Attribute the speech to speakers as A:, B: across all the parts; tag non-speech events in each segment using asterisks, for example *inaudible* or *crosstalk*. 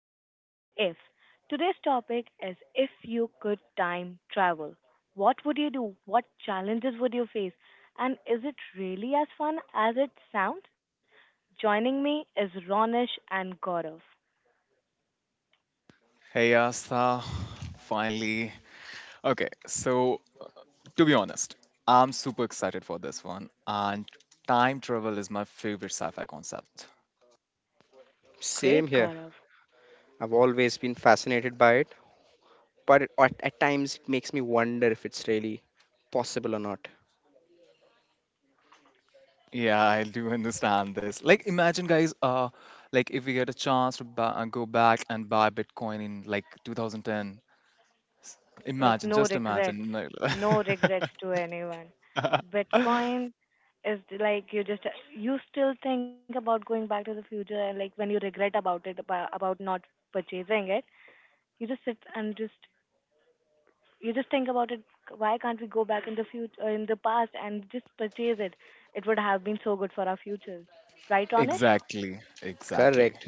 A: what if. Today's topic is, if you could time travel, what would you do? What challenges would you face? And is it really as fun as it sounds? Joining me is Ronish and Gaurav.
B: Hey Asa! Finally. Okay, so to be honest, I'm super excited for this one, and time travel is my favorite sci-fi concept.
A: Great,
C: Same
A: Gaurav.
C: here. I've always been fascinated by it, but at times it makes me wonder if it's really possible or not.
B: Yeah, I do understand this. Like, imagine, guys, like if we get a chance to buy, go back and buy Bitcoin in like 2010.
A: Like,
B: Imagine,
A: no
B: just
A: regrets,
B: imagine.
A: no regrets to anyone. Bitcoin is like you just, you still think about going back to the future, and like when you regret about it about not purchasing it, you just sit and just you just think about it. Why can't we go back in the future, in the past, and just purchase it? It would have been so good for our futures, right,
B: *laughs*
A: Ronish?
B: Exactly, exactly.
C: Correct.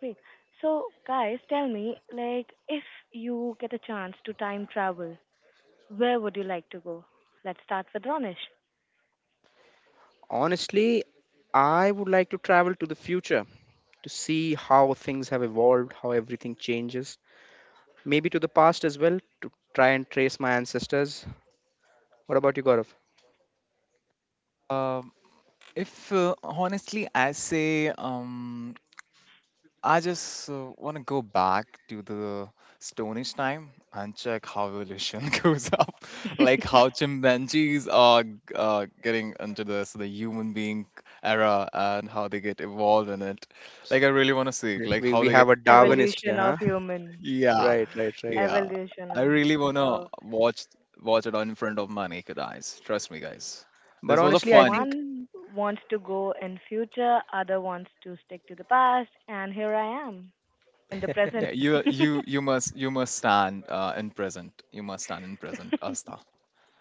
A: Great. So, guys, tell me, like, if you get a chance to time travel, where would you like to go? Let's start with Ronish.
C: Honestly, I would like to travel to the future to see how things have evolved, how everything changes. Maybe to the past as well to try and trace my ancestors. What about you, Gaurav?
B: Um, if honestly, I say I just want to go back to the Stone Age time and check how evolution *laughs* goes up, like
A: *laughs*
B: how chimpanzees are getting into this the human being era and how they get evolved in it. Like I really want to see it,
C: Yeah.
B: like
C: We
B: how
C: we
B: they get.
C: have a Darwinist here,
A: Evolution
C: huh?
A: of human.
B: Yeah,
C: Right, right, right.
B: yeah.
A: Evolution
B: I really wanna
A: of.
B: watch it on in front of my naked eyes. Trust me, guys.
C: But
B: This was a
C: honestly, I
B: fun.
C: think
A: One wants to go in future, other wants to stick to the past, and here I am in the present.
B: Yeah, you must you must stand in present. You must stand in present, Asta.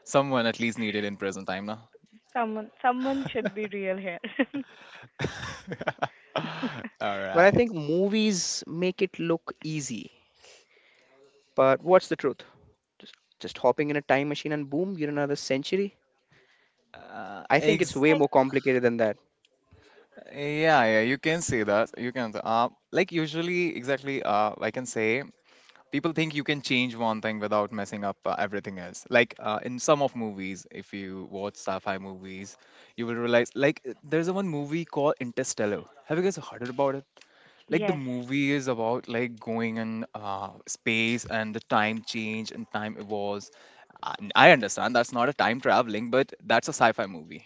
B: Someone at least needed in present time, no?
A: *laughs* Someone should be real here. *laughs*
B: *laughs*
A: Like,
B: All
C: but I
B: right.
C: think movies make it look easy. But what's the truth? Just, just hopping in a time machine and boom, you're in another century.
B: Uh,
C: I think it's
B: ex-
C: way more complicated than that.
B: yeah, yeah, you can say that. You can. Like usually, exactly. I can say people think you can change one thing without messing up everything else. Like in some of movies, if you watch sci-fi movies, you will realize like there's a one movie called Interstellar. Have you guys heard about it? Like the
A: yes,
B: movie is about like going in space and the time change and time evolves. I I understand that's not a time traveling, but that's a sci-fi movie,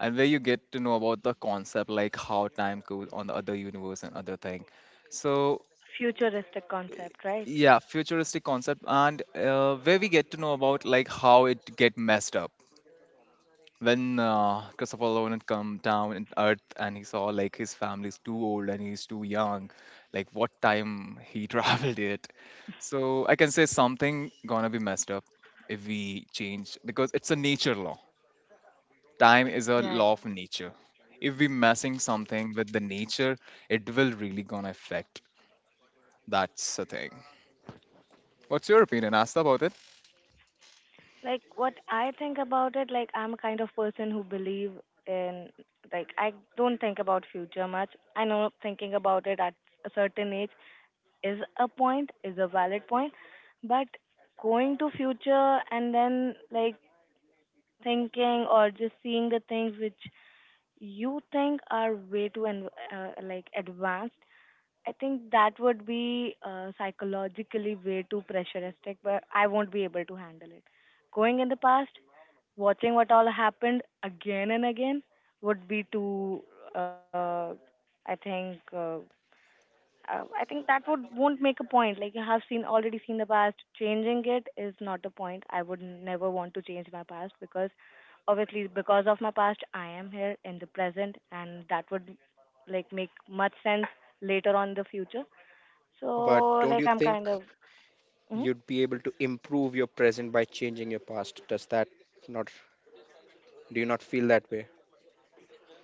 B: and where you get to know about the concept, like how time goes on the other universe and other thing. So,
A: futuristic
B: eh,
A: concept, right?
B: yeah, futuristic concept, and where we get to know about like how it get messed up when Christopher Nolan come down in Earth and he saw like his family's too old and he's too young, like what time he *laughs* traveled it. So I can say something gonna be messed up if we change because it's a nature law. Time is a
A: Right.
B: law of nature. If we messing something with the nature, it will really gonna affect. That's the thing. What's your opinion, Asta, about it?
A: Like, what I think about it, like, I'm a kind of person who believe in, like, I don't think about future much. I know thinking about it at a certain age is a point, is a valid point, but going to future and then, like, thinking or just seeing the things which you think are way too and like advanced, I think that would be psychologically way too pressuristic, but I won't be able to handle it. Going in the past, watching what all happened again and again would be too. Uh, I think. I think that would won't make a point. Like, you have seen, already seen the past, changing it is not a point. I would never want to change my past because, obviously, because of my past, I am here in the present, and that would like make much sense later on in the future,
C: But
A: so,
C: don't
A: like,
C: you
A: I'm
C: think
A: kind of, hmm.
C: you'd be able to improve your present by changing your past? Does that not, do you not feel that way?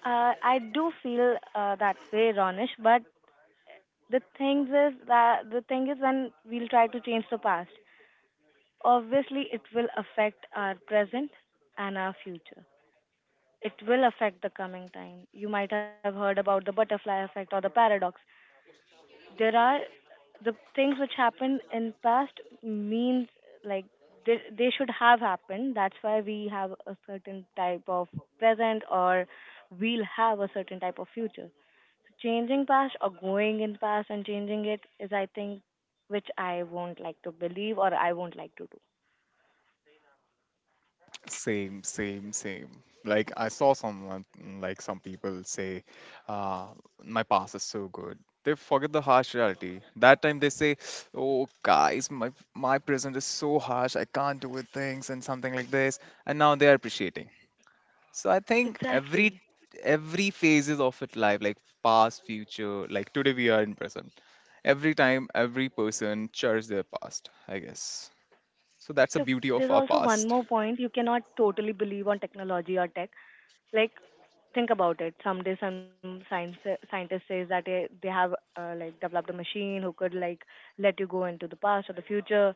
A: I do feel that way, Ronish. But the thing is, when we'll try to change the past, obviously it will affect our present and our future. It will affect the coming time. You might have heard about the butterfly effect or the paradox. There are the things which happened in past means, like, they should have happened, that's why we have a certain type of present, or we'll have a certain type of future. Changing past, or going in past and changing it, is, I think, which I won't like to believe or I won't like to do.
B: Same, same, same. Like I saw someone, like some people say, uh, my past is so good. They forget the harsh reality. That time they say, "Oh, guys, my present is so harsh. I can't do with things and something like this." And now they are appreciating. So I think every
A: Exactly.
B: every phases of it life, like past, future, like today we are in present. Every time, every person cherish their past, I guess. So that's the
A: Look,
B: beauty of
A: there's
B: our
A: also one
B: past.
A: more point. You cannot totally believe on technology or tech. Like, think about it, someday some science scientist says that they have like developed a machine who could like let you go into the past or the future.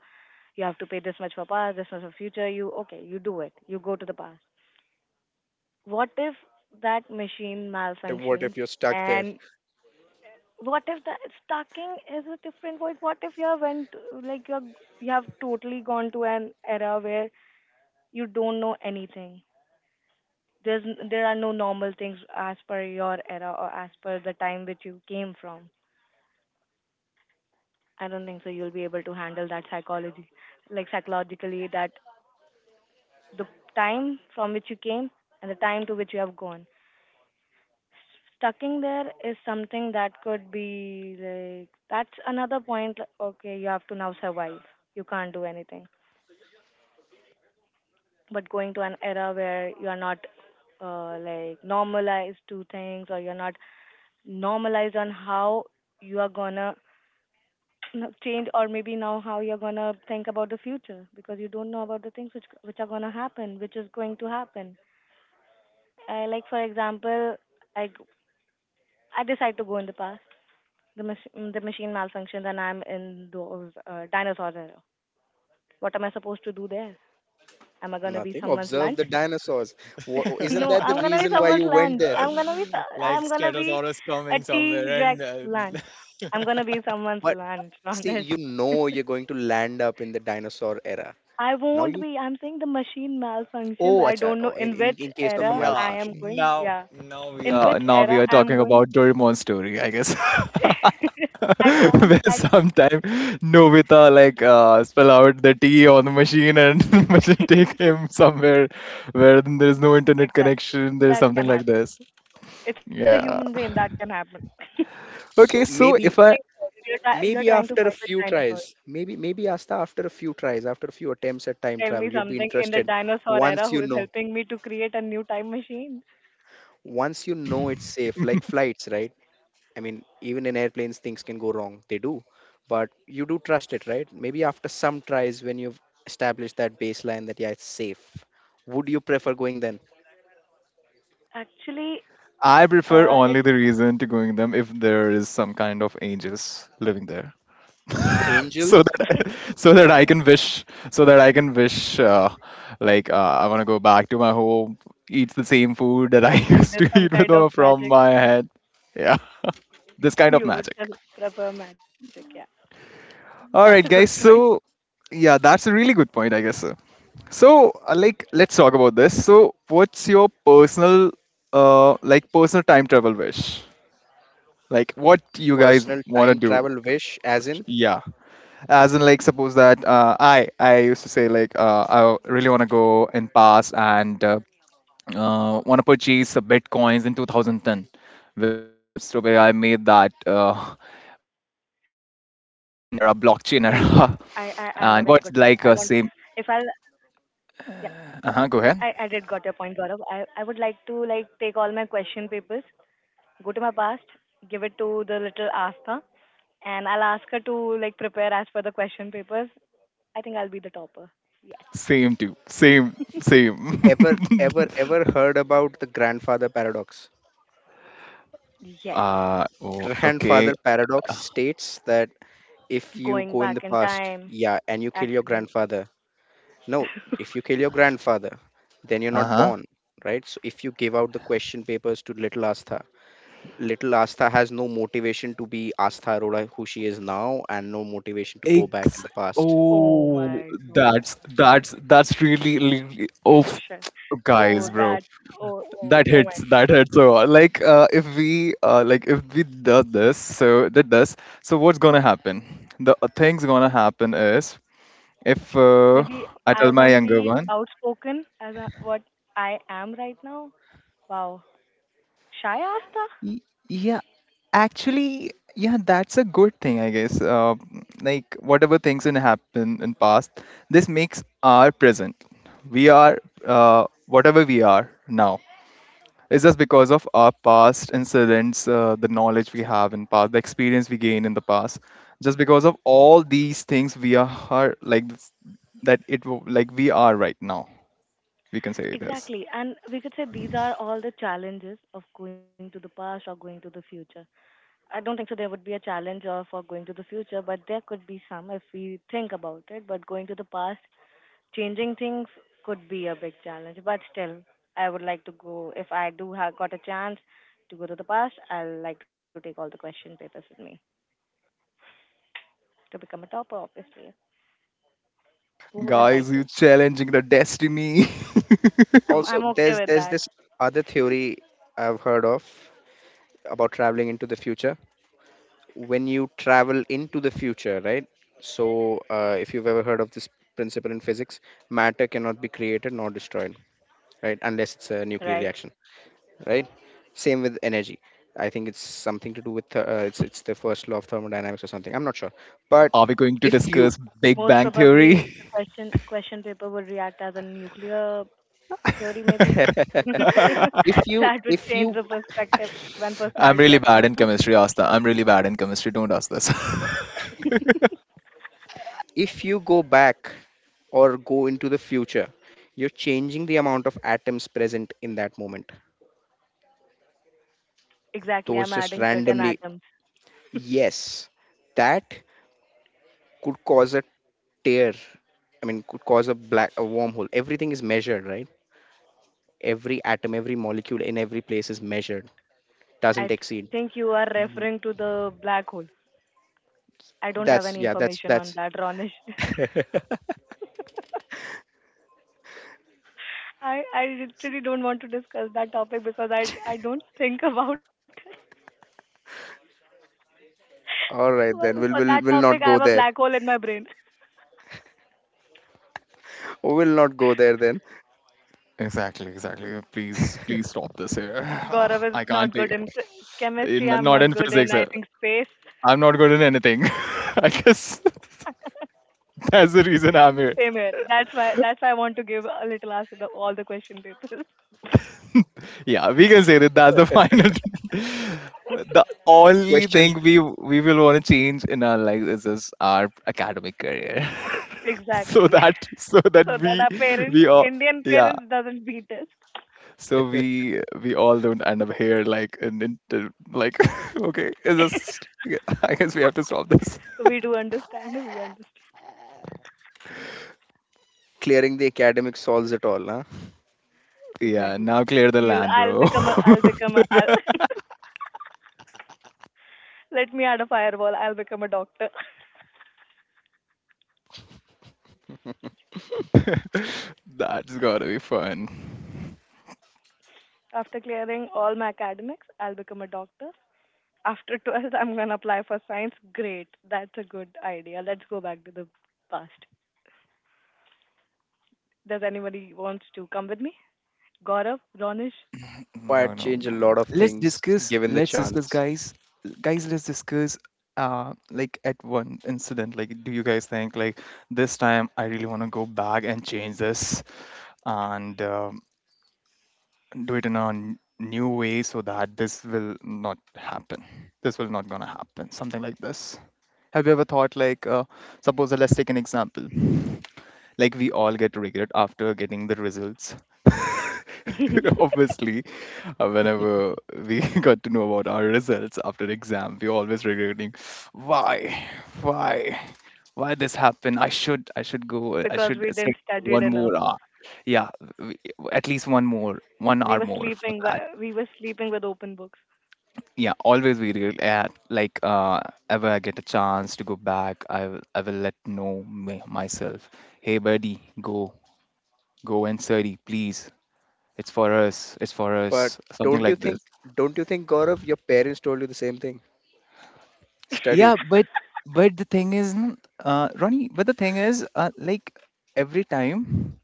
A: You have to pay this much for past, this much for future. You okay, you do it, you go to the past. What if that machine
C: If- What
A: malfunctions,
C: if you're stuck there?
A: and what if the stacking is a different word, what if you have went, like, you have totally gone to an era where you don't know anything? There's there are no normal things as per your era or as per the time which you came from. I don't think so you'll be able to handle that psychology, like, psychologically, that the time from which you came and the time to which you have gone. Stucking there is something that could be like, that's another point. Like, okay, you have to now survive. You can't do anything. But going to an era where you are not like normalized to things, or you're not normalized on how you are gonna change, or maybe now how you're gonna think about the future because you don't know about the things which are gonna happen, which is going to happen. I, like, for example, I g- I decide to go in the past. The the machine malfunctions, and I'm in those dinosaur era. What am I supposed to do there? Am I gonna be
C: Nothing.
A: someone's
C: Observe
A: lunch?
C: the dinosaurs. Wha-
A: *laughs*
C: Isn't
A: No,
C: that the
A: I'm gonna be
C: reason why
A: someone's
C: you went
A: lunch.
C: there?
A: I'm gonna be
B: *laughs* like
A: I'm gonna be
B: Stratosaurus
A: a
B: coming
A: T
B: somewhere
A: Rex
B: and
A: lunch. I'm
B: *laughs*
A: gonna be someone's
C: But
A: lunch, *laughs*
C: see,
A: Ronesh.
C: you know you're going to land up in the dinosaur era.
A: I
C: Now
A: won't
C: you,
A: be. I'm saying the machine malfunctions.
C: oh,
A: I
C: acha,
A: don't know
C: oh, in,
A: in
C: in,
A: which
C: in case of a
A: era
B: Yeah,
A: I am
C: malfunction.
A: going.
B: now
A: Yeah,
B: now we
A: in
B: are
A: which
B: now we
A: era
B: are
A: I am
B: talking
A: going.
B: about Doraemon's story, I guess. *laughs*
A: *laughs* I can't.
B: Where
A: I can't.
B: sometime Nobita like spell out the tea on the machine and *laughs* machine take him somewhere where there is no internet
A: Exactly.
B: connection. There is
A: That
B: something
A: can
B: like
A: happen.
B: this.
A: It's a human
B: Yeah.
A: brain. That can happen.
C: So
B: Okay, so
C: maybe
B: if
A: Think
B: I
A: about it. You're
C: Maybe
A: trying to
C: after
A: fight
C: a
A: with
C: few
A: dinosaurs.
C: tries, maybe Asta after a few tries, after a few attempts at time
A: Tell me
C: travel, you'd be
A: something, in the
C: interested.
A: dinosaur era,
C: Once
A: who
C: you
A: is
C: know,
A: helping me to create a new time machine.
C: once you know it's safe, like flights, right? I mean, even in airplanes, things can go wrong. They do, but you do trust it, right? Maybe after some tries, when you've established that baseline that yeah, it's safe, would you prefer going then?
A: Actually,
B: I prefer only
A: it's
B: the reason to going them if there is some kind of angels living there. So
C: Angels,
A: *laughs*
B: that *laughs* so that I can wish so that I can wish I want to go back to my home, eat the same food that I *laughs*
A: like
B: used
A: there's
B: to
A: some
B: eat with
A: kind of
B: her from
A: magic.
B: my head. Yeah, *laughs* this kind of
A: You would
B: magic.
A: prefer magic. Yeah, that's a
B: All
A: good
B: right, guys.
A: point.
B: So yeah, that's a really good point, I guess. So, so like, let's talk about this. So, what's your personal personal time travel wish? Like, what you guys
C: personal
B: want to
C: time
B: do?
C: travel wish, as in
B: Yeah. As in like suppose that I used to say like I really want to go in past and want to purchase the bitcoins in 2010 where some stupid guy made that *laughs* bitcoin era
A: Okay.
B: blockchain era
A: I have a very
B: *laughs*
A: good point.
B: and
A: I want,
B: what's like
A: if I'll,
B: same.
A: yeah,
B: Uh-huh, go
A: I did
B: ahead.
A: got your point, Gaurav. I would like to, like, take all my question papers, go to my past, give it to the little Astha, and I'll ask her to like prepare as per the question papers. I think I'll be the topper. Yes.
B: Same, too, same, same.
C: ever
B: *laughs*
C: ever ever heard about the grandfather paradox?
A: Yes.
B: Oh, okay.
C: Grandfather paradox states that if you
A: Going
C: go in the
A: back in
C: past,
A: time
C: yeah, and you kill your
A: accidentally.
C: grandfather. No,
A: *laughs*
C: if you kill your grandfather, then you're not
B: Uh-huh.
C: born, right? So if you give out the question papers to little Astha has no motivation to be Astha Arora who she is now and no motivation to go back in
B: Ex-
C: the past.
A: Oh
B: oh,
A: my god.
B: that's really, really, oh.
A: Oh shit.
B: *tsk* Guys,
A: Oh
B: bro,
A: that, oh oh,
B: that
A: oh
B: hits.
A: my.
B: That hits. So, like, if we, like, if we do this, so did this, so what's gonna happen? The thing's gonna happen is if
A: Maybe
B: I
A: I
B: tell my
A: won't
B: younger
A: be
B: one,
A: outspoken as I, what I am right now. Wow. Shy Asta?
B: y- yeah, actually, yeah, that's a good thing, I guess. Like, whatever things in happen in past, this makes our present. We are whatever we are now. It's just because of our past incidents, the knowledge we have in past, the experience we gain in the past. Just because of all these things, we are that. Like we are right now. We can say this,
A: Exactly. And we could say these are all the challenges of going to the past or going to the future. I don't think so there would be a challenge or for going to the future, but there could be some if we think about it. But going to the past, changing things could be a big challenge. But still, I would like to go. If I do have got a chance to go to the past, I'll like to take all the question papers with me to become a topper, obviously. Who wouldn't
B: guys.
A: like
B: You
A: to?
B: challenging the destiny. *laughs*
A: I'm
C: Also,
A: I'm okay
C: there's
A: with
C: there's
A: that,
C: this other theory I've heard of about traveling into the future. When you travel into the future, right? So if you've ever heard of this principle in physics, matter cannot be created nor destroyed, right? Unless it's a nuclear
A: right?
C: reaction, right? Same with energy. I think it's something to do with it's the first law of thermodynamics or something. I'm not sure, but
B: Are we going to
C: if you
B: discuss Big
A: Most
B: Bang Theory?
A: probably the question paper would react as a nuclear theory maybe. *laughs*
C: *laughs* if you
A: That would
C: if
A: change
C: you
A: the perspective and
B: *laughs*
A: personality of
B: I'm really
A: Asta.
B: bad in chemistry, Asta. I'm really bad in chemistry. Don't ask this. *laughs*
C: if you go back or go into the future, you're changing the amount of atoms present in that moment.
A: Exactly,
C: Those
A: I'm
C: just
A: adding certain
C: randomly,
A: atoms.
C: yes, that could cause a tear. I mean, could cause a black a wormhole. Everything is measured, right? Every atom every molecule in every place is measured doesn't
A: I
C: exceed.
A: think you are
C: W-
A: referring to the black hole. I don't
C: that's
A: have any
C: yeah
A: information
C: that's
A: on that, Ronish. *laughs*
C: *laughs*
A: I literally don't want to discuss that topic because I don't think about. *laughs*
C: All right then
A: For
C: we'll
A: that
C: we'll, we'll
A: topic,
C: not
A: I have
C: go
A: a
C: there.
A: black hole in my brain.
C: We'll not go there then.
B: Exactly, exactly. Please, please stop this here.
A: Gaurav
B: *sighs*
A: is
B: I can't
A: not good
B: take it.
A: in
B: In,
A: chemistry. I'm
B: not
A: not
B: in
A: good in,
B: physics.
A: I think, space.
B: I'm not good in anything. *laughs* I guess. That's the reason I'm here.
A: Same here. That's why. That's why I want to give a little answer to all the question papers.
B: *laughs* Yeah, we can say that that's the final. *laughs* The only
C: Question,
B: thing we will want to change in our lives is our academic career,
A: *laughs*
B: *laughs* so
A: Exactly. *laughs*
B: that so that
A: So that our parents,
B: we all
A: Indian
B: yeah
A: parents, doesn't beat us.
B: so we all don't end up here like like *laughs* okay it's just yeah, *laughs* I guess we have to stop this.
A: So we do understand. We understand
C: clearing the academic solves it all, huh?
B: Yeah,
A: exactly.
B: now clear the
A: You'll.
B: land,
A: I'll
B: bro.
A: become a. I'll become a. I'll, *laughs* let me add a fireball. I'll become a doctor.
C: *laughs*
B: *laughs* That's gotta be fun.
A: *laughs* After clearing all my academics, I'll become a doctor. After 12th, I'm gonna apply for science. Great. That's a good idea. Let's go back to the past. Does anybody wants to come with me? Gaurav, Ronish,
B: No,
C: Might
B: no,
C: change a
B: no.
C: lot of
B: Let's
C: things
B: discuss.
C: given the
B: Let's discuss,
C: chance.
B: guys. Guys, let's discuss. Like at one incident, like, do you guys think like this time I really want to go back and change this and do it in a new way so that this will not happen. This will not gonna happen. Something like this. Have you ever thought like, suppose let's take an example. Like we all get regret after getting the results. *laughs* Obviously, whenever we *laughs* got to know about our results after exam, we always regretting, why, why, why this happened? I should
A: *laughs*
B: go, I
A: because
B: should
A: we
B: stay
A: didn't studied
B: one
A: enough.
B: more hour. Yeah, we- at least one more,
A: We
B: one
A: were
B: hour more
A: sleeping.
B: for that.
A: We were sleeping with open books.
B: Yeah, always we regret. Yeah, like ever I get a chance to go back, I will let know myself. Hey buddy, go, go and Surrey, please. It's for us. It's for
C: But
B: us. Something
C: don't you
B: like this.
C: think don't you think Gaurav your parents told you the same thing,
B: Yeah,
C: study?
B: but the thing is, Ronnie. But the thing is, like every time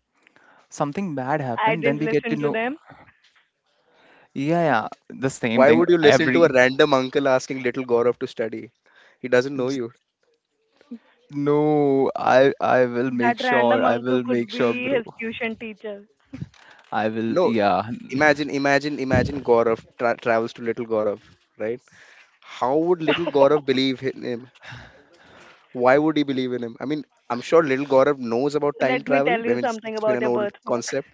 B: something bad
A: I
B: happened, then
A: didn't
B: we get to
A: listen to
B: know.
A: them.
B: Yeah, yeah, the same
C: Why
B: thing
C: would you listen to
B: every.
C: a random uncle asking little Gaurav to study? He doesn't know
B: J-
C: you.
B: No, I will make
A: That
B: sure.
A: random
B: I
A: uncle
B: will
A: could
B: make sure,
A: be
B: bro.
A: his tuition teacher.
B: I will.
C: No.
B: Yeah.
C: Imagine Gaurav travels to little Gaurav, right? How would little Gaurav
A: *laughs*
C: believe in him? Why would he believe in him? I mean, I'm sure little Gaurav knows about time
A: Let me
C: travel.
A: tell
C: I
A: you
C: mean, it's,
A: something
C: it's been
A: about
C: an
A: your
C: old
A: birthmark,
C: concept.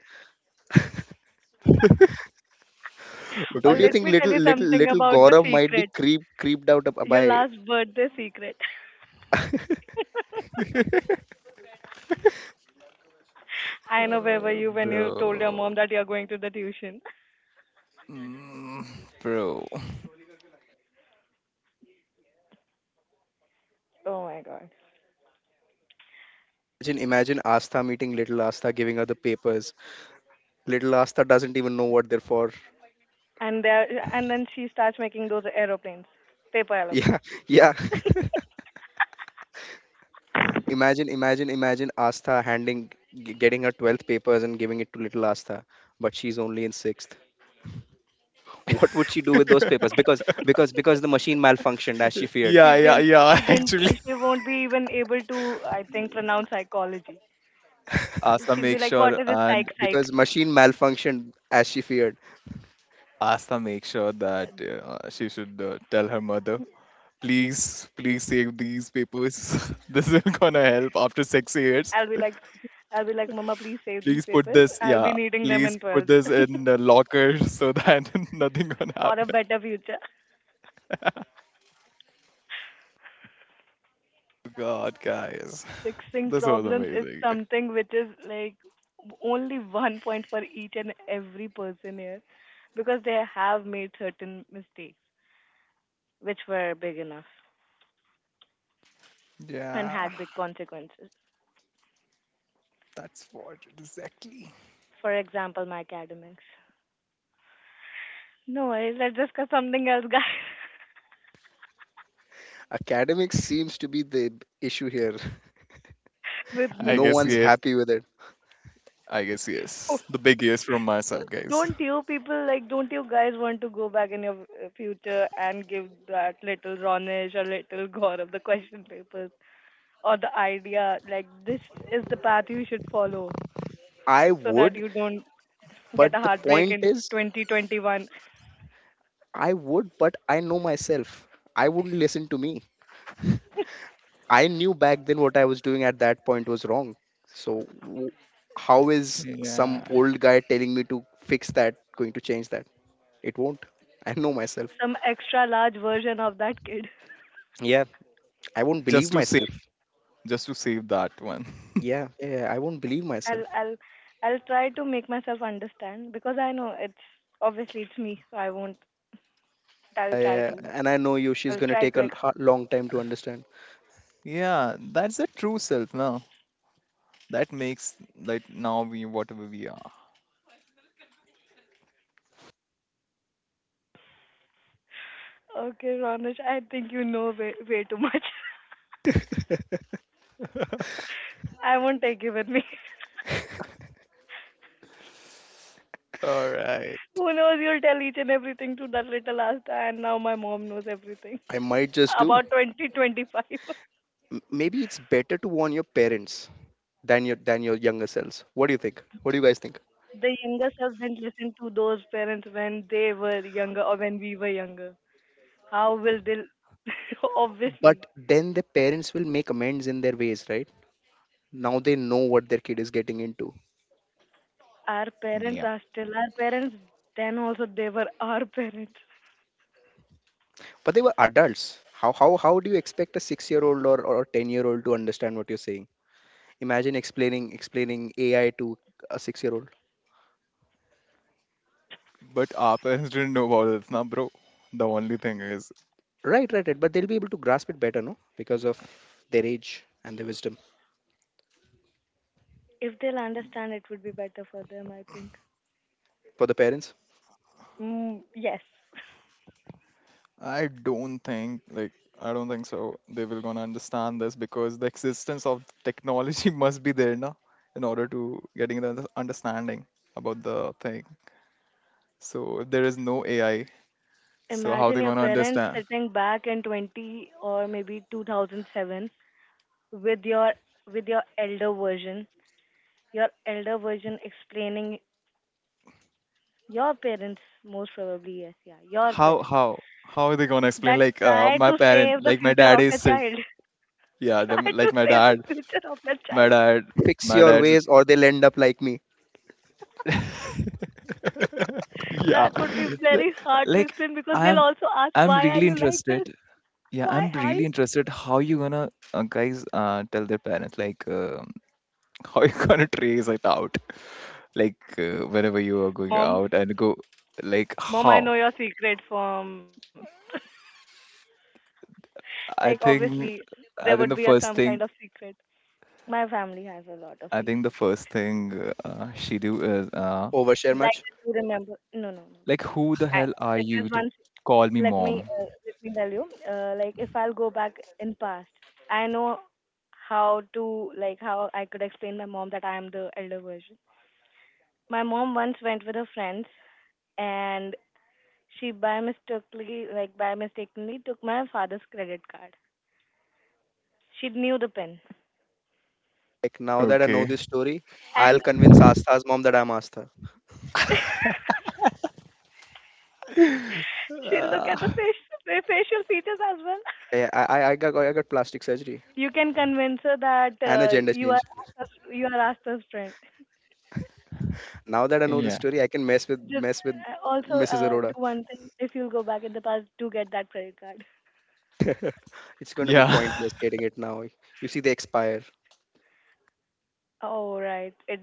B: *laughs*
A: or
C: Don't you
B: Okay.
A: let
C: think
A: me tell
C: little,
A: you
C: little,
A: something
C: little
A: about the
C: Gaurav might be
A: secret.
C: creeped out
A: Your
C: by?
A: last birthday secret.
B: *laughs*
A: I know where were you when you told your
B: Bro.
A: mom that you're going to the tuition.
B: Mm, bro.
A: Oh my god.
C: Imagine Astha meeting little Astha, giving her the papers. Little Astha doesn't even know what they're for. *laughs*
A: And there, and then she starts making those aeroplanes, paper
C: Yeah,
A: aeroplanes.
C: yeah. Imagine Astha getting her 12th papers and giving it to little Astha, but she's only in sixth. What would she do with those papers, because because the machine malfunctioned as she feared,
A: She
B: Yeah, yeah,
A: didn't.
B: yeah.
A: She
B: *laughs*
A: didn't.
B: Actually.
A: She won't be even able to, I think, pronounce psychology.
B: Asa
A: She'll be
B: makes
A: like, "What
B: sure
A: is this
B: and
A: psych?"
C: because machine malfunctioned as she feared.
B: Asa makes sure that she should tell her mother, please, please save these papers. *laughs* This will gonna help after six
A: *laughs*
B: years.
A: I'll be like, "I'll be like, Mama, please save these
B: Please put
A: papers.
B: this,
A: I'll be
B: yeah,
A: needing them
B: please
A: in
B: put
A: 12th
B: this
A: *laughs*
B: in the locker so that *laughs* nothing gonna
A: for a
B: happen.
A: better future."
B: God, guys,
A: Fixing
B: this was
A: problems is
B: amazing.
A: something which is like only one point for each and every person here, because they have made certain mistakes which were big enough and
B: Yeah,
A: had big consequences.
B: that's what exactly.
A: For example, my academics. No worries. Let's discuss something else, guys,
C: Academics seems to be the issue here. *laughs*
A: *laughs* with
B: I
A: me
C: No
B: guess
C: one's
A: only.
B: yes.
C: happy with it.
B: I guess yes.
A: *laughs*
B: The big yes from my side, guys.
A: Don't you people like? Don't you guys want to go back in your future and give that little Ronish or little Gore of the question papers, or the idea, like, this is the path you should follow so
C: I
A: that you
C: would
A: don't get a
C: but the
A: heartbreak in
C: point is
A: 2021?
C: I would but I know myself. I wouldn't listen to me. I knew back then what I was doing at that point was wrong. So how is some
B: Yeah.
C: old guy telling me to fix that going to change that? It won't. I know myself.
A: Some extra large version of that kid.
C: Yeah, I won't believe
B: Just to save,
C: myself.
B: just to save that one. *laughs*
C: Yeah. I won't believe
A: I'll
C: myself.
A: I'll I'll try to make myself understand because I know it's, obviously it's me, so I won't. I'll
C: I,
A: try
C: uh,
A: to
C: and I know you, she's
A: I'll
C: gonna
A: try
C: take
A: to
C: a long time to understand.
B: Yeah, that's the true self now. That makes like now we whatever we are.
A: explain. Okay, Ronak, I think you know way, way too much.
C: *laughs*
B: *laughs*
A: *laughs* I won't take you with me. *laughs*
B: All right.
A: Who knows, you'll tell each and everything to that little Asta, and now my mom knows everything
C: I might just
A: *laughs*
C: do.
A: about 2025. *laughs*
C: M- Maybe it's better to warn your parents than your younger selves. What do you think? What do you guys think?
A: The younger self didn't listen to those parents when they were younger or when we were younger. How will they? *laughs* Obviously,
C: But then the parents will make amends in their ways, right? Now they know what their kid is getting into.
A: our
B: Yeah.
A: parents are still our parents, then also they were our *laughs* parents.
C: But they were adults. How do you expect a 6 year old or 10 year old to understand what you're saying? Imagine explaining AI to a 6 year old.
B: But our parents didn't know about this now, bro. The only thing is
C: Right, right, right. But they'll be able to grasp it better, no? Because of their age and their wisdom.
A: If they'll understand, it would be better for them, I think.
C: For the parents.
A: Mm, yes.
B: I don't think like I don't think so they will gonna understand this because the existence of technology *laughs* must be there now in order to getting the understanding about the thing. So if there is no AI, so how
A: Imagine
B: they
A: your
B: gonna
A: parents
B: understand?
A: sitting back in 20 or maybe 2007 with your with your elder version explaining your parents most probably yes, yeah, your
B: How
A: parents
B: how how are they gonna
A: that
B: explain? Like
A: try to
B: my
A: save the
B: parent, like
A: future
B: my
A: of your
B: dad is sit.
A: child. *laughs*
B: Yeah,
A: Try
B: them
A: to
B: like
A: save the future of your
B: my
A: child.
B: dad,
C: Fix
B: my
C: your
B: dad's.
C: ways or they'll end up like me.
B: *laughs* Yeah,
A: That would be very hard to
B: like
A: explain because they'll
B: I'm,
A: also ask,
B: I'm
A: why are
B: really
A: you like this?
B: interested. Yeah,
A: Why
B: I'm
A: are you
B: really interested how you gonna guys tell their parents like *laughs* how you gonna trace it out like whenever you are going
A: Mom,
B: out and go like
A: mom, I
B: how?
A: know your secret from, like,
B: I
A: obviously
B: think
A: there
B: I
A: would
B: think
A: be
B: the
A: a some
B: first
A: kind of
B: thing
A: secret. My family has a lot of
B: I think the
A: secrets.
B: first thing she do is
C: Overshare
A: Like,
C: much.
A: I do remember. No, no, no,
B: like
A: no.
B: who the
A: I,
B: hell are you
A: there's
B: to
A: one.
B: call me mom?
A: Let me tell you. Like, if I'll go back in past, I know how to, like, how I could explain my mom that I am the elder version. My mom once went with her friends, and she, by mistakenly, took my father's credit card. She knew the pin,
C: Like now that I know
B: Okay.
C: this story, I'll
A: and
C: convince Astha's mom that I'm Astha.
A: *laughs*
B: *laughs*
A: she looked at the
B: Ah,
A: facial features as well.
C: I got plastic surgery
A: You can convince her that
C: and a gender
A: you are
C: change.
A: You are Asta's friend.
C: Now that I know this
B: yeah.
C: story, I can
A: Just
C: mess with
A: also
C: Mrs.
A: do
C: Aroda.
A: one thing. If you'll go back in the past, do get that credit card.
C: *laughs* It's going to be
B: Yeah.
C: pointless
B: *laughs*
C: getting it now. You see, they expire.
A: Oh right, it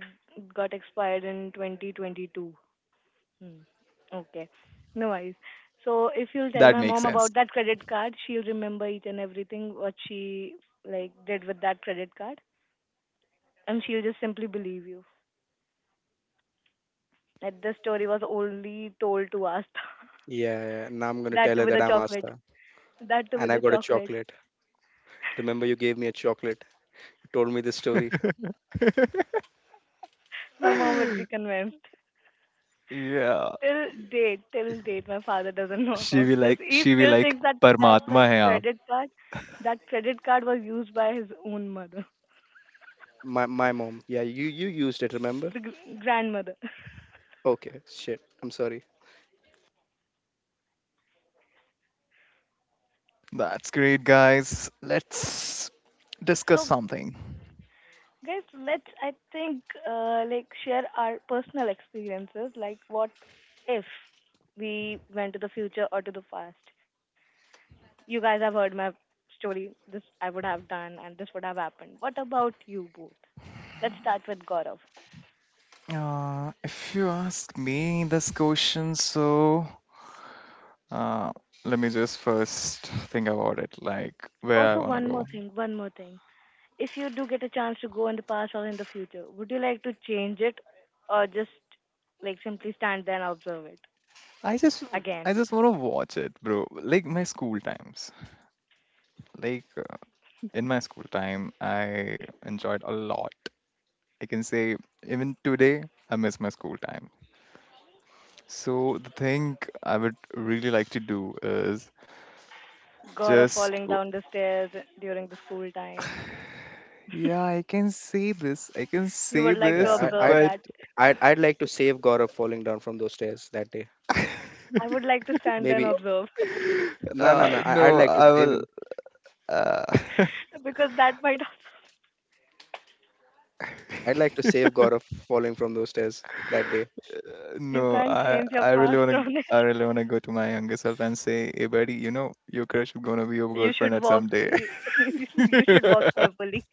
A: got expired in 2022. Hmm. Okay, no worries. So if you'll tell
B: That
A: my
B: makes
A: mom
B: sense.
A: about that credit card, she'll remember each and everything what she, like, did with that credit card, and she'll just simply believe you that the story was only told to us. *laughs*
C: Yeah, yeah. Now I'm going to
A: That
C: tell
A: too
C: her
A: with a
C: that I'm
A: chocolate.
C: Astha
A: That too
C: and
A: with
C: I
A: a
C: got a
A: chocolate.
C: chocolate. Remember, you gave me a chocolate. You told me this story.
B: *laughs*
A: My mom would be convinced.
B: Yeah,
A: Till date, my father doesn't know about this. He
B: she be
A: still
B: like,
A: thinks that the
B: Paramatma hai aap.
A: credit card, that credit card was used by his own mother,
C: My mom. Yeah, you used it, remember?
A: the grandmother.
C: Okay, shit. I'm sorry.
B: That's great, guys. Let's discuss
A: So,
B: something.
A: guys, let's, I think, like, share our personal experiences. Like, what if we went to the future or to the past? You guys have heard my story. This I would have done, and this would have happened. What about you both? Let's start with Gaurav.
B: If you ask me this question, so uh, let me just first think about it, like where I
A: Also,
B: want to
A: one more
B: go.
A: thing, one more thing. If you do get a chance to go in the past or in the future, would you like to change it or just like simply stand there and observe it?
B: I just,
A: Again,
B: I just want to watch it, bro. Like my school times. Like in my school time, I enjoyed a lot. I can say even today, I miss my school time. So the thing I would really like to do is
A: God of
B: just
A: falling down the stairs during the school time.
B: yeah, I can say this. I can
A: You
B: say
A: would like to
B: this,
C: Yeah, I
A: observe
C: I'd
B: but
A: that.
C: I'd like to save Gaurav falling down from those stairs that day.
A: I would like to stand there and
C: Maybe
A: observe
C: no no no. I'd
B: no,
C: like to
B: I
C: save
B: will.
C: him.
B: Uh, *laughs*
A: *laughs* because that might also,
C: I'd like to save Gaurav falling from those stairs that day.
A: you
B: no,
A: can't
B: I
A: change your
B: I really
A: past, *laughs*
B: wanna
A: Ronesh.
B: go to my younger self and say, hey buddy, you know your crush is gonna be your
A: You
B: girlfriend
A: should
B: at
A: walk.
B: some day.
A: You, *laughs* you should walk carefully.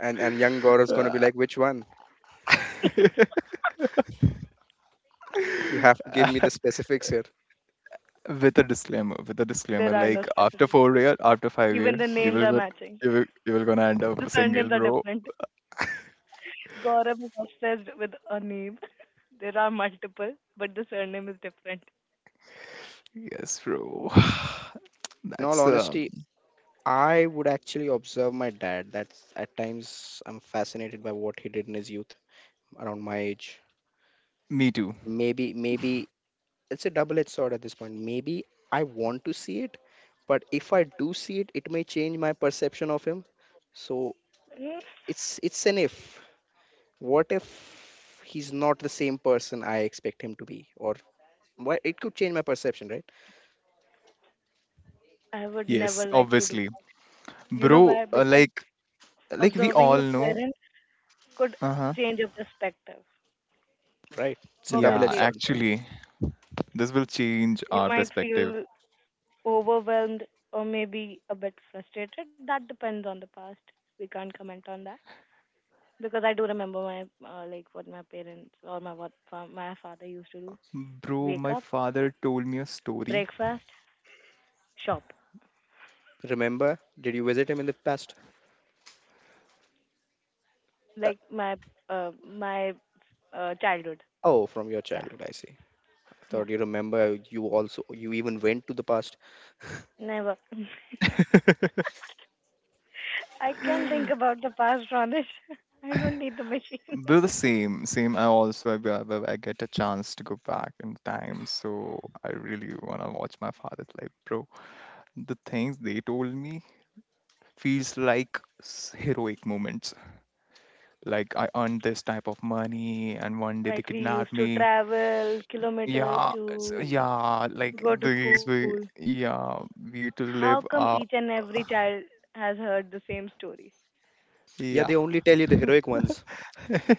C: And young Gaurav's gonna be like, which one?
B: *laughs*
C: You have to give me the
B: *laughs* *laughs*
C: specifics here.
B: with a disclaimer with a
A: There
B: disclaimer
A: are no
B: like after
A: specific.
B: 4 year, after five
A: Even
B: year
A: the
B: you
A: names
B: will
A: are
B: go
A: matching.
B: you will gonna end
A: The
B: up single,
A: surnames are
B: bro.
A: different.
B: *laughs*
A: Gaurav is obsessed with a name. There are multiple, but the surname is different.
B: Yes, bro. *sighs*
C: In all
B: That's
C: honesty, I would actually observe my dad. That's at times I'm fascinated by what he did in his youth around my age.
B: me too.
C: Maybe it's a double-edged sword at this point. Maybe I want to see it, but if I do see it, it may change my perception of him. So
A: Mm,
C: it's an if. What if he's not the same person I expect him to be, or why it could change my perception, right?
A: I would never
B: Yes,
A: like to do.
B: obviously.
A: You know
B: Bro,
A: why? Because
B: like we
A: observing
B: all
A: your
B: know.
A: parents could
B: Uh-huh.
A: change your perspective.
C: Right. It's a
B: Yeah,
C: double-edged
A: Obviously, it
C: sword.
A: will.
B: actually, this will change
A: You
B: our
A: might
B: perspective.
A: feel overwhelmed or maybe a bit frustrated. That depends on the past. We can't comment on that because I do remember my like, what my parents or my what my father used to do:
B: Bro,
A: wake
B: my
A: up,
B: father told me a story.
A: breakfast, shop.
C: Remember, did you visit him in the past?
A: Like, my my childhood.
C: Oh, from your
A: Yeah,
C: childhood, I see. I
A: yeah,
C: thought you remember you also you even went to the past.
A: never. *laughs*
B: *laughs*
A: I can think about the past, Ronish. *laughs* I don't need the machine.
B: They're the same, same. I also I've I If I get a chance to go back in time, so I really wanna watch my father's life, bro. The things they told me feels like heroic moments. Like I earned this type of money, and one
A: *laughs*
B: day they
A: Like, we
B: kidnapped
A: used to
B: me.
A: travel kilometers
B: Yeah, it's,
A: to
B: yeah, like
A: go to
B: these
A: school.
B: we, yeah, we to
A: How come
B: live,
A: each and every child has heard the same story?
C: Yeah,
B: yeah.
C: they only tell you the heroic ones.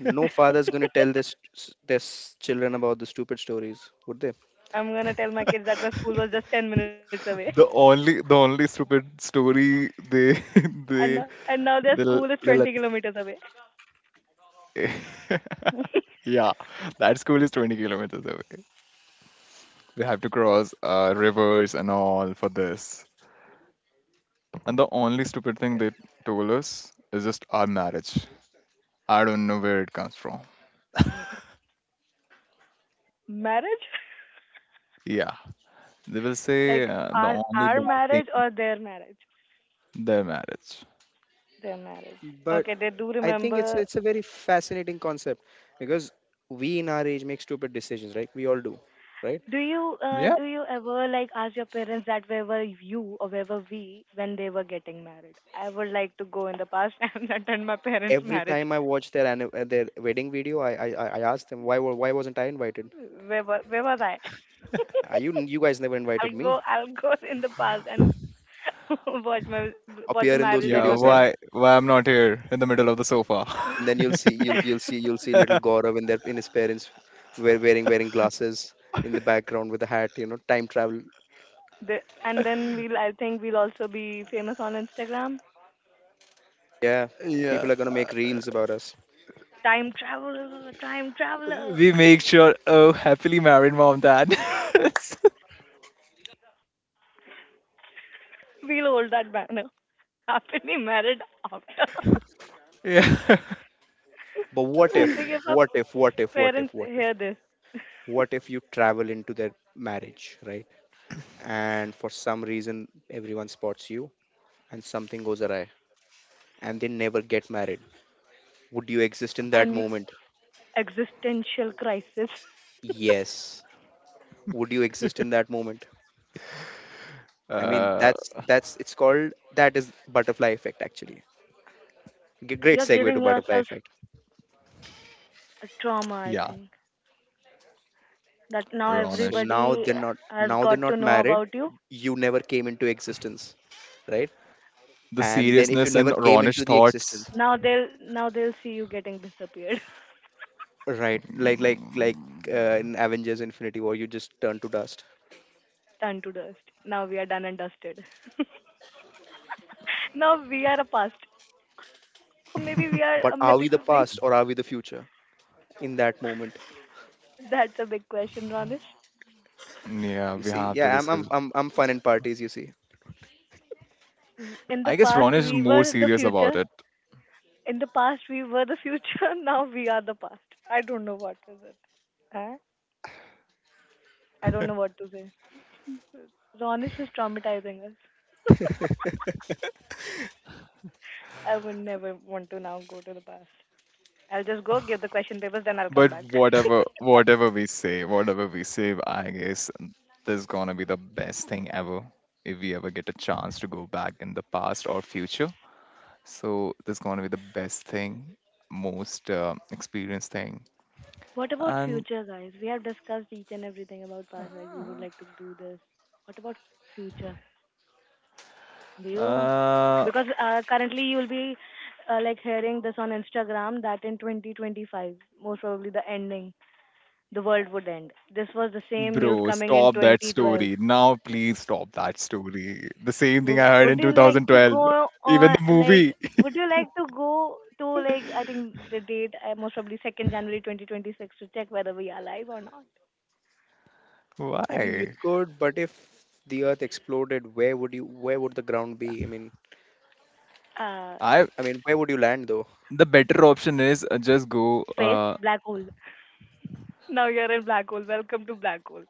C: No father's going to tell this this children about the stupid stories, would they?
A: I'm gonna tell my kids that my school was just 10 minutes away,
B: The only stupid story they
A: *laughs*
B: *laughs*
A: and now,
B: they
A: and now their school
B: they
A: is
B: they
A: twenty
B: let.
A: kilometers away.
B: *laughs*
A: *laughs*
B: Yeah, that school is 20 kilometers away. They have to cross, rivers and all for this. And the only stupid thing they told us is just our marriage. I don't know where it comes from.
A: Marriage,
B: Yeah, they will say,
A: like,
B: the
A: our
B: only bad thing,
A: marriage or their marriage?
B: their marriage.
A: Their marriage.
C: But
A: Okay, they do
C: I think it's
A: remember.
C: it's a very fascinating concept because we in our age make stupid decisions, right? We all do, right?
B: Yeah,
A: Do you ever like ask your parents that where were you or where were we when they were getting married? I would like to go in the past *laughs* and attend my parents'
C: Every
A: marriage.
C: time I watch their their wedding video, I I ask them why why wasn't I invited?
A: Where was I?
C: Are you you guys never invited me?
A: I'll go *laughs* in the past and *laughs* watch my watch the
C: Appear in those
A: marriage of
B: yeah.
A: my
C: videos, huh?
A: parents.
B: Why I'm not here in the middle of the sofa?
C: And then you'll see you'll
B: *laughs*
C: you'll see you'll see little Gaurav in their in his parents wearing glasses in the background with a hat, you know, time travel.
A: The, and then we'll, I think, we'll also be famous on Instagram.
C: Yeah,
B: Yeah,
C: people are gonna make reels about us.
A: Time traveler, time traveler.
B: we
A: *laughs*
B: make sure. Oh, happily married mom, dad.
A: We'll hold that banner. Happily married after.
B: *laughs* Yeah.
C: But
A: *laughs* I
C: what
A: think
C: if,
A: if
B: *laughs*
A: our
C: what if, what if, what
A: parents
C: if, what if,
A: hear this
C: what if you travel into their marriage, right? And for some reason, everyone spots you and something goes awry and they never get married. Would you exist in that
A: and
C: moment?
A: existential crisis.
C: Yes. Would you exist in that moment? I mean,
B: Uh,
C: that is butterfly effect actually. Great
A: You're
C: segue
A: giving
C: to butterfly
A: yourself
C: effect.
A: a trauma, I
B: yeah.
A: think. That now
C: So
B: Ronish.
A: everybody has
C: now they're
A: got to
C: not
A: know
C: married.
A: about you.
C: You never came into existence, right?
B: The
C: And then if you
B: seriousness in
C: never came
B: Ronish
C: into the existence,
B: thoughts.
A: Now they'll see you getting disappeared,
C: right, like
B: Mm.
C: in Avengers Infinity War, you just turn to dust.
A: *laughs* turned to dust. Now we are done and dusted. *laughs* Now we are a past, or maybe we
B: *laughs*
A: are
C: But
A: a
C: are we the
A: mythical thing.
C: past or are we the future in that moment?
A: That's a big question, Ronish.
B: Yeah,
C: You
B: we
C: see,
B: have to
C: yeah,
B: discuss.
C: I'm fun in parties. You see,
A: In the
B: I guess
A: past,
B: Ronish is
A: we
B: more
A: were the
B: serious about
A: future.
B: it.
A: In the past we were the future. *laughs* Now we are the past. I don't know what is it. Huh? I don't know what to say. Ronis is traumatizing us. I would never want to now go to the past. I'll just go give the question papers, then I'll come
B: But
A: back.
B: whatever we say, I guess this is gonna be the best thing ever if we ever get a chance to go back in the past or future. So this is gonna be the best thing, most experienced thing.
A: What about
B: And,
A: future, guys? We have discussed each and everything about past, like we would like to do this. What about future? Do you? Because
B: uh,
A: currently you'll be like hearing this on Instagram that in 2025, most probably the ending, the world would end. This was the same news
B: bro,
A: coming in
B: stop that
A: 2012.
B: story. Now, please stop that story. The same thing I heard
A: Would
B: in
A: you like to
B: 2012.
A: go
B: Even
A: on
B: the
A: like
B: movie.
A: would you like to go to, like, I think the date most probably second January 2026 to check whether we are alive or not.
B: *laughs*
C: I mean, you
B: Why?
C: could, but if the Earth exploded, where would you where would the ground be?
A: Uh,
B: I
C: I mean, where would you land though?
B: The better option is, just go.
A: space, black hole. Now you're in black hole. Welcome to black hole.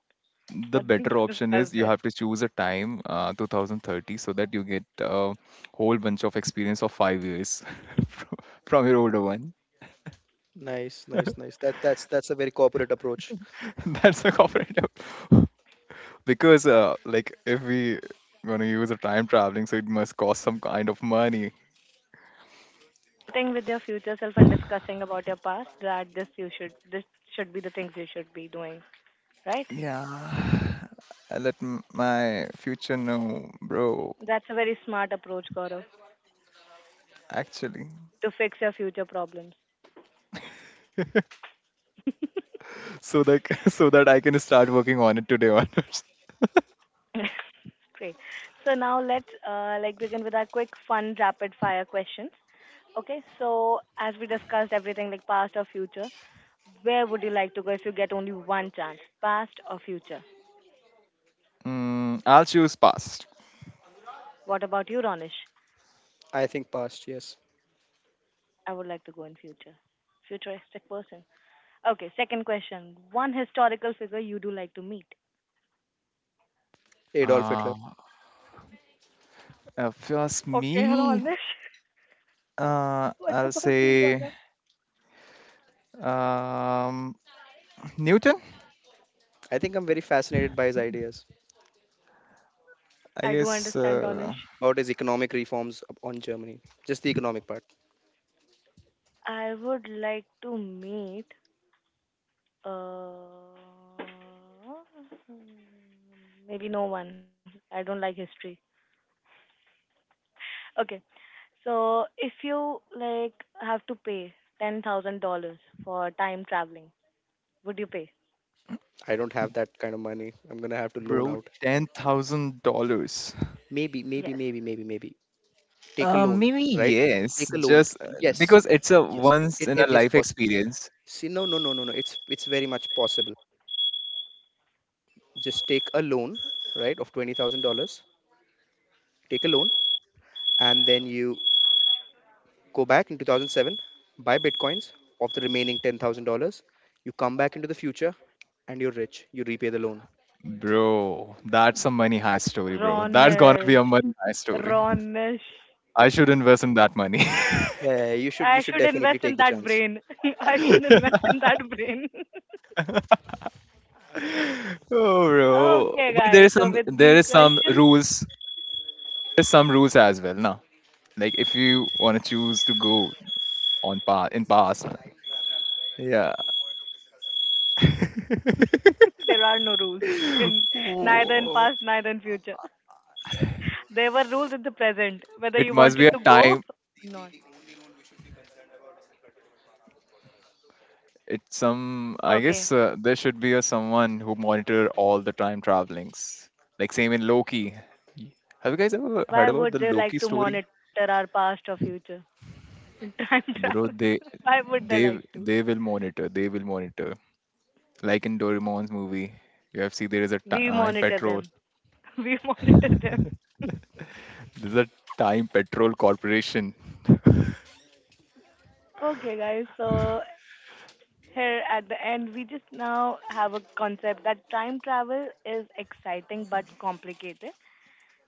B: The
A: Nothing
B: better
A: to
B: option
A: discuss
B: is, you
A: there.
B: have to choose a time, 2030, so that you get a whole bunch of experience of 5 years *laughs* from, from your older one.
C: Nice, nice, nice. That's a very corporate approach.
B: *laughs* That's the corporate. *laughs* Because, like if we gonna use a time traveling, so it must cost some kind of money.
A: Sitting with your future self and discussing about your past that this you should this should be the things you should be doing. Right?
B: Yeah. I let my future know, bro.
A: That's a very smart approach, Gaurav,
B: Actually,
A: to fix your future problems.
B: so that *laughs* so that I can start working on it today onwards.
A: *laughs* Great. So now let's like begin with our quick fun rapid fire questions. Okay, so as we discussed everything like past or future, where would you like to go if you get only one chance, past or future?
B: I'll choose past.
A: What about you, Ronish?
C: I think past, yes.
A: I would like to go in future. Futuristic person. Okay, second question. One historical figure you do like to meet.
C: Adolf
B: Uh,
C: Hitler.
B: if you ask
A: Okay,
B: me,
A: Ronish. *laughs* What
B: I'll
A: about you,
B: say
A: Gaurav?
B: um, Newton.
C: I think I'm very fascinated by his ideas
B: I
A: I do
B: guess,
A: understand, Ronish.
C: about his economic reforms up on Germany. Just the economic part.
A: I would like to meet. Uh, Maybe no one. I don't like history. Okay. So if you like have to pay $10,000 for time traveling, would you pay?
C: I don't have that kind of money. I'm gonna have to loan
B: bro,
C: out.
B: $10,000.
C: maybe maybe
A: Yes.
C: maybe maybe maybe take a loan,
B: Maybe
C: right?
B: yes,
C: Take a loan.
B: just,
C: Yes.
B: because it's a
C: Yes,
B: once
C: it,
B: in
C: it
B: a
C: is
B: life
C: possible.
B: experience.
C: See, no no no no no, it's it's very much possible. Just take a loan, right? Of $20,000, take a loan and then you go back in 2007, buy bitcoins. Of the remaining $10,000, you come back into the future and you're rich, you repay the loan.
B: Bro, that's a money high story, bro. That's gonna be a
A: Ronish,
B: money high story.
A: Ronish.
B: I should invest in that money.
C: Yeah, you should,
A: I
C: you should
A: should
C: definitely
A: invest in
C: take the
A: that
C: chance.
A: brain. *laughs* I
B: *laughs*
A: should
B: Oh,
A: invest in that brain. *laughs*
B: bro.
A: Okay,
B: But there
A: guys.
B: is
A: So
B: some
A: with
B: there
A: these
B: is some
A: questions,
B: rules. There's some rules as well, now. Like if you want to choose to go on pass in past, yeah. *laughs*
A: *laughs* there are no rules in neither in
B: Whoa.
A: past, neither in future. *laughs* There were rules in the present, whether you
B: It must be
A: wanted
B: a
A: to go or
B: time.
A: not.
B: It's some. I
A: Okay.
B: guess, there should be a someone who monitor all the time travelings. Like same in Loki. Have you guys ever heard
A: Why
B: about
A: would
B: the
A: they like
B: Loki
A: to
B: story?
A: monitor our past or future? *laughs* Time travel.
B: Bro,
A: *laughs*
B: they
A: Why would they
B: They
A: like
B: w-
A: to?
B: will monitor. They will monitor. Like in Doraemon's movie, you have seen there is a
A: We
B: time
A: monitor
B: patrol.
A: them. *laughs* We
B: *laughs*
A: monitor them.
B: There's a time patrol corporation. *laughs*
A: Okay, guys. So here at the end, we just now have a concept that time travel is exciting but complicated,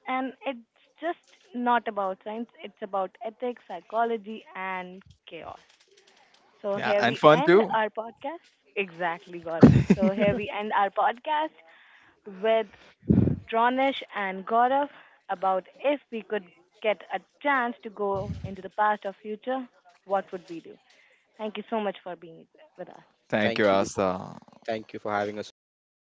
A: and it's just not about science. It's about ethics, psychology, and chaos. So
B: Yeah,
A: here
B: and
A: we
B: fun
A: end
B: too.
A: our podcast. Exactly, Gaurav. So here we
B: *laughs*
A: end our podcast with Dranesh and Gaurav about if we could get a chance to go into the past or future, what would we do? Thank you so much for being with us.
B: Thank you,
C: thank you for-
B: Asa.
C: Thank you for having us over, Asta.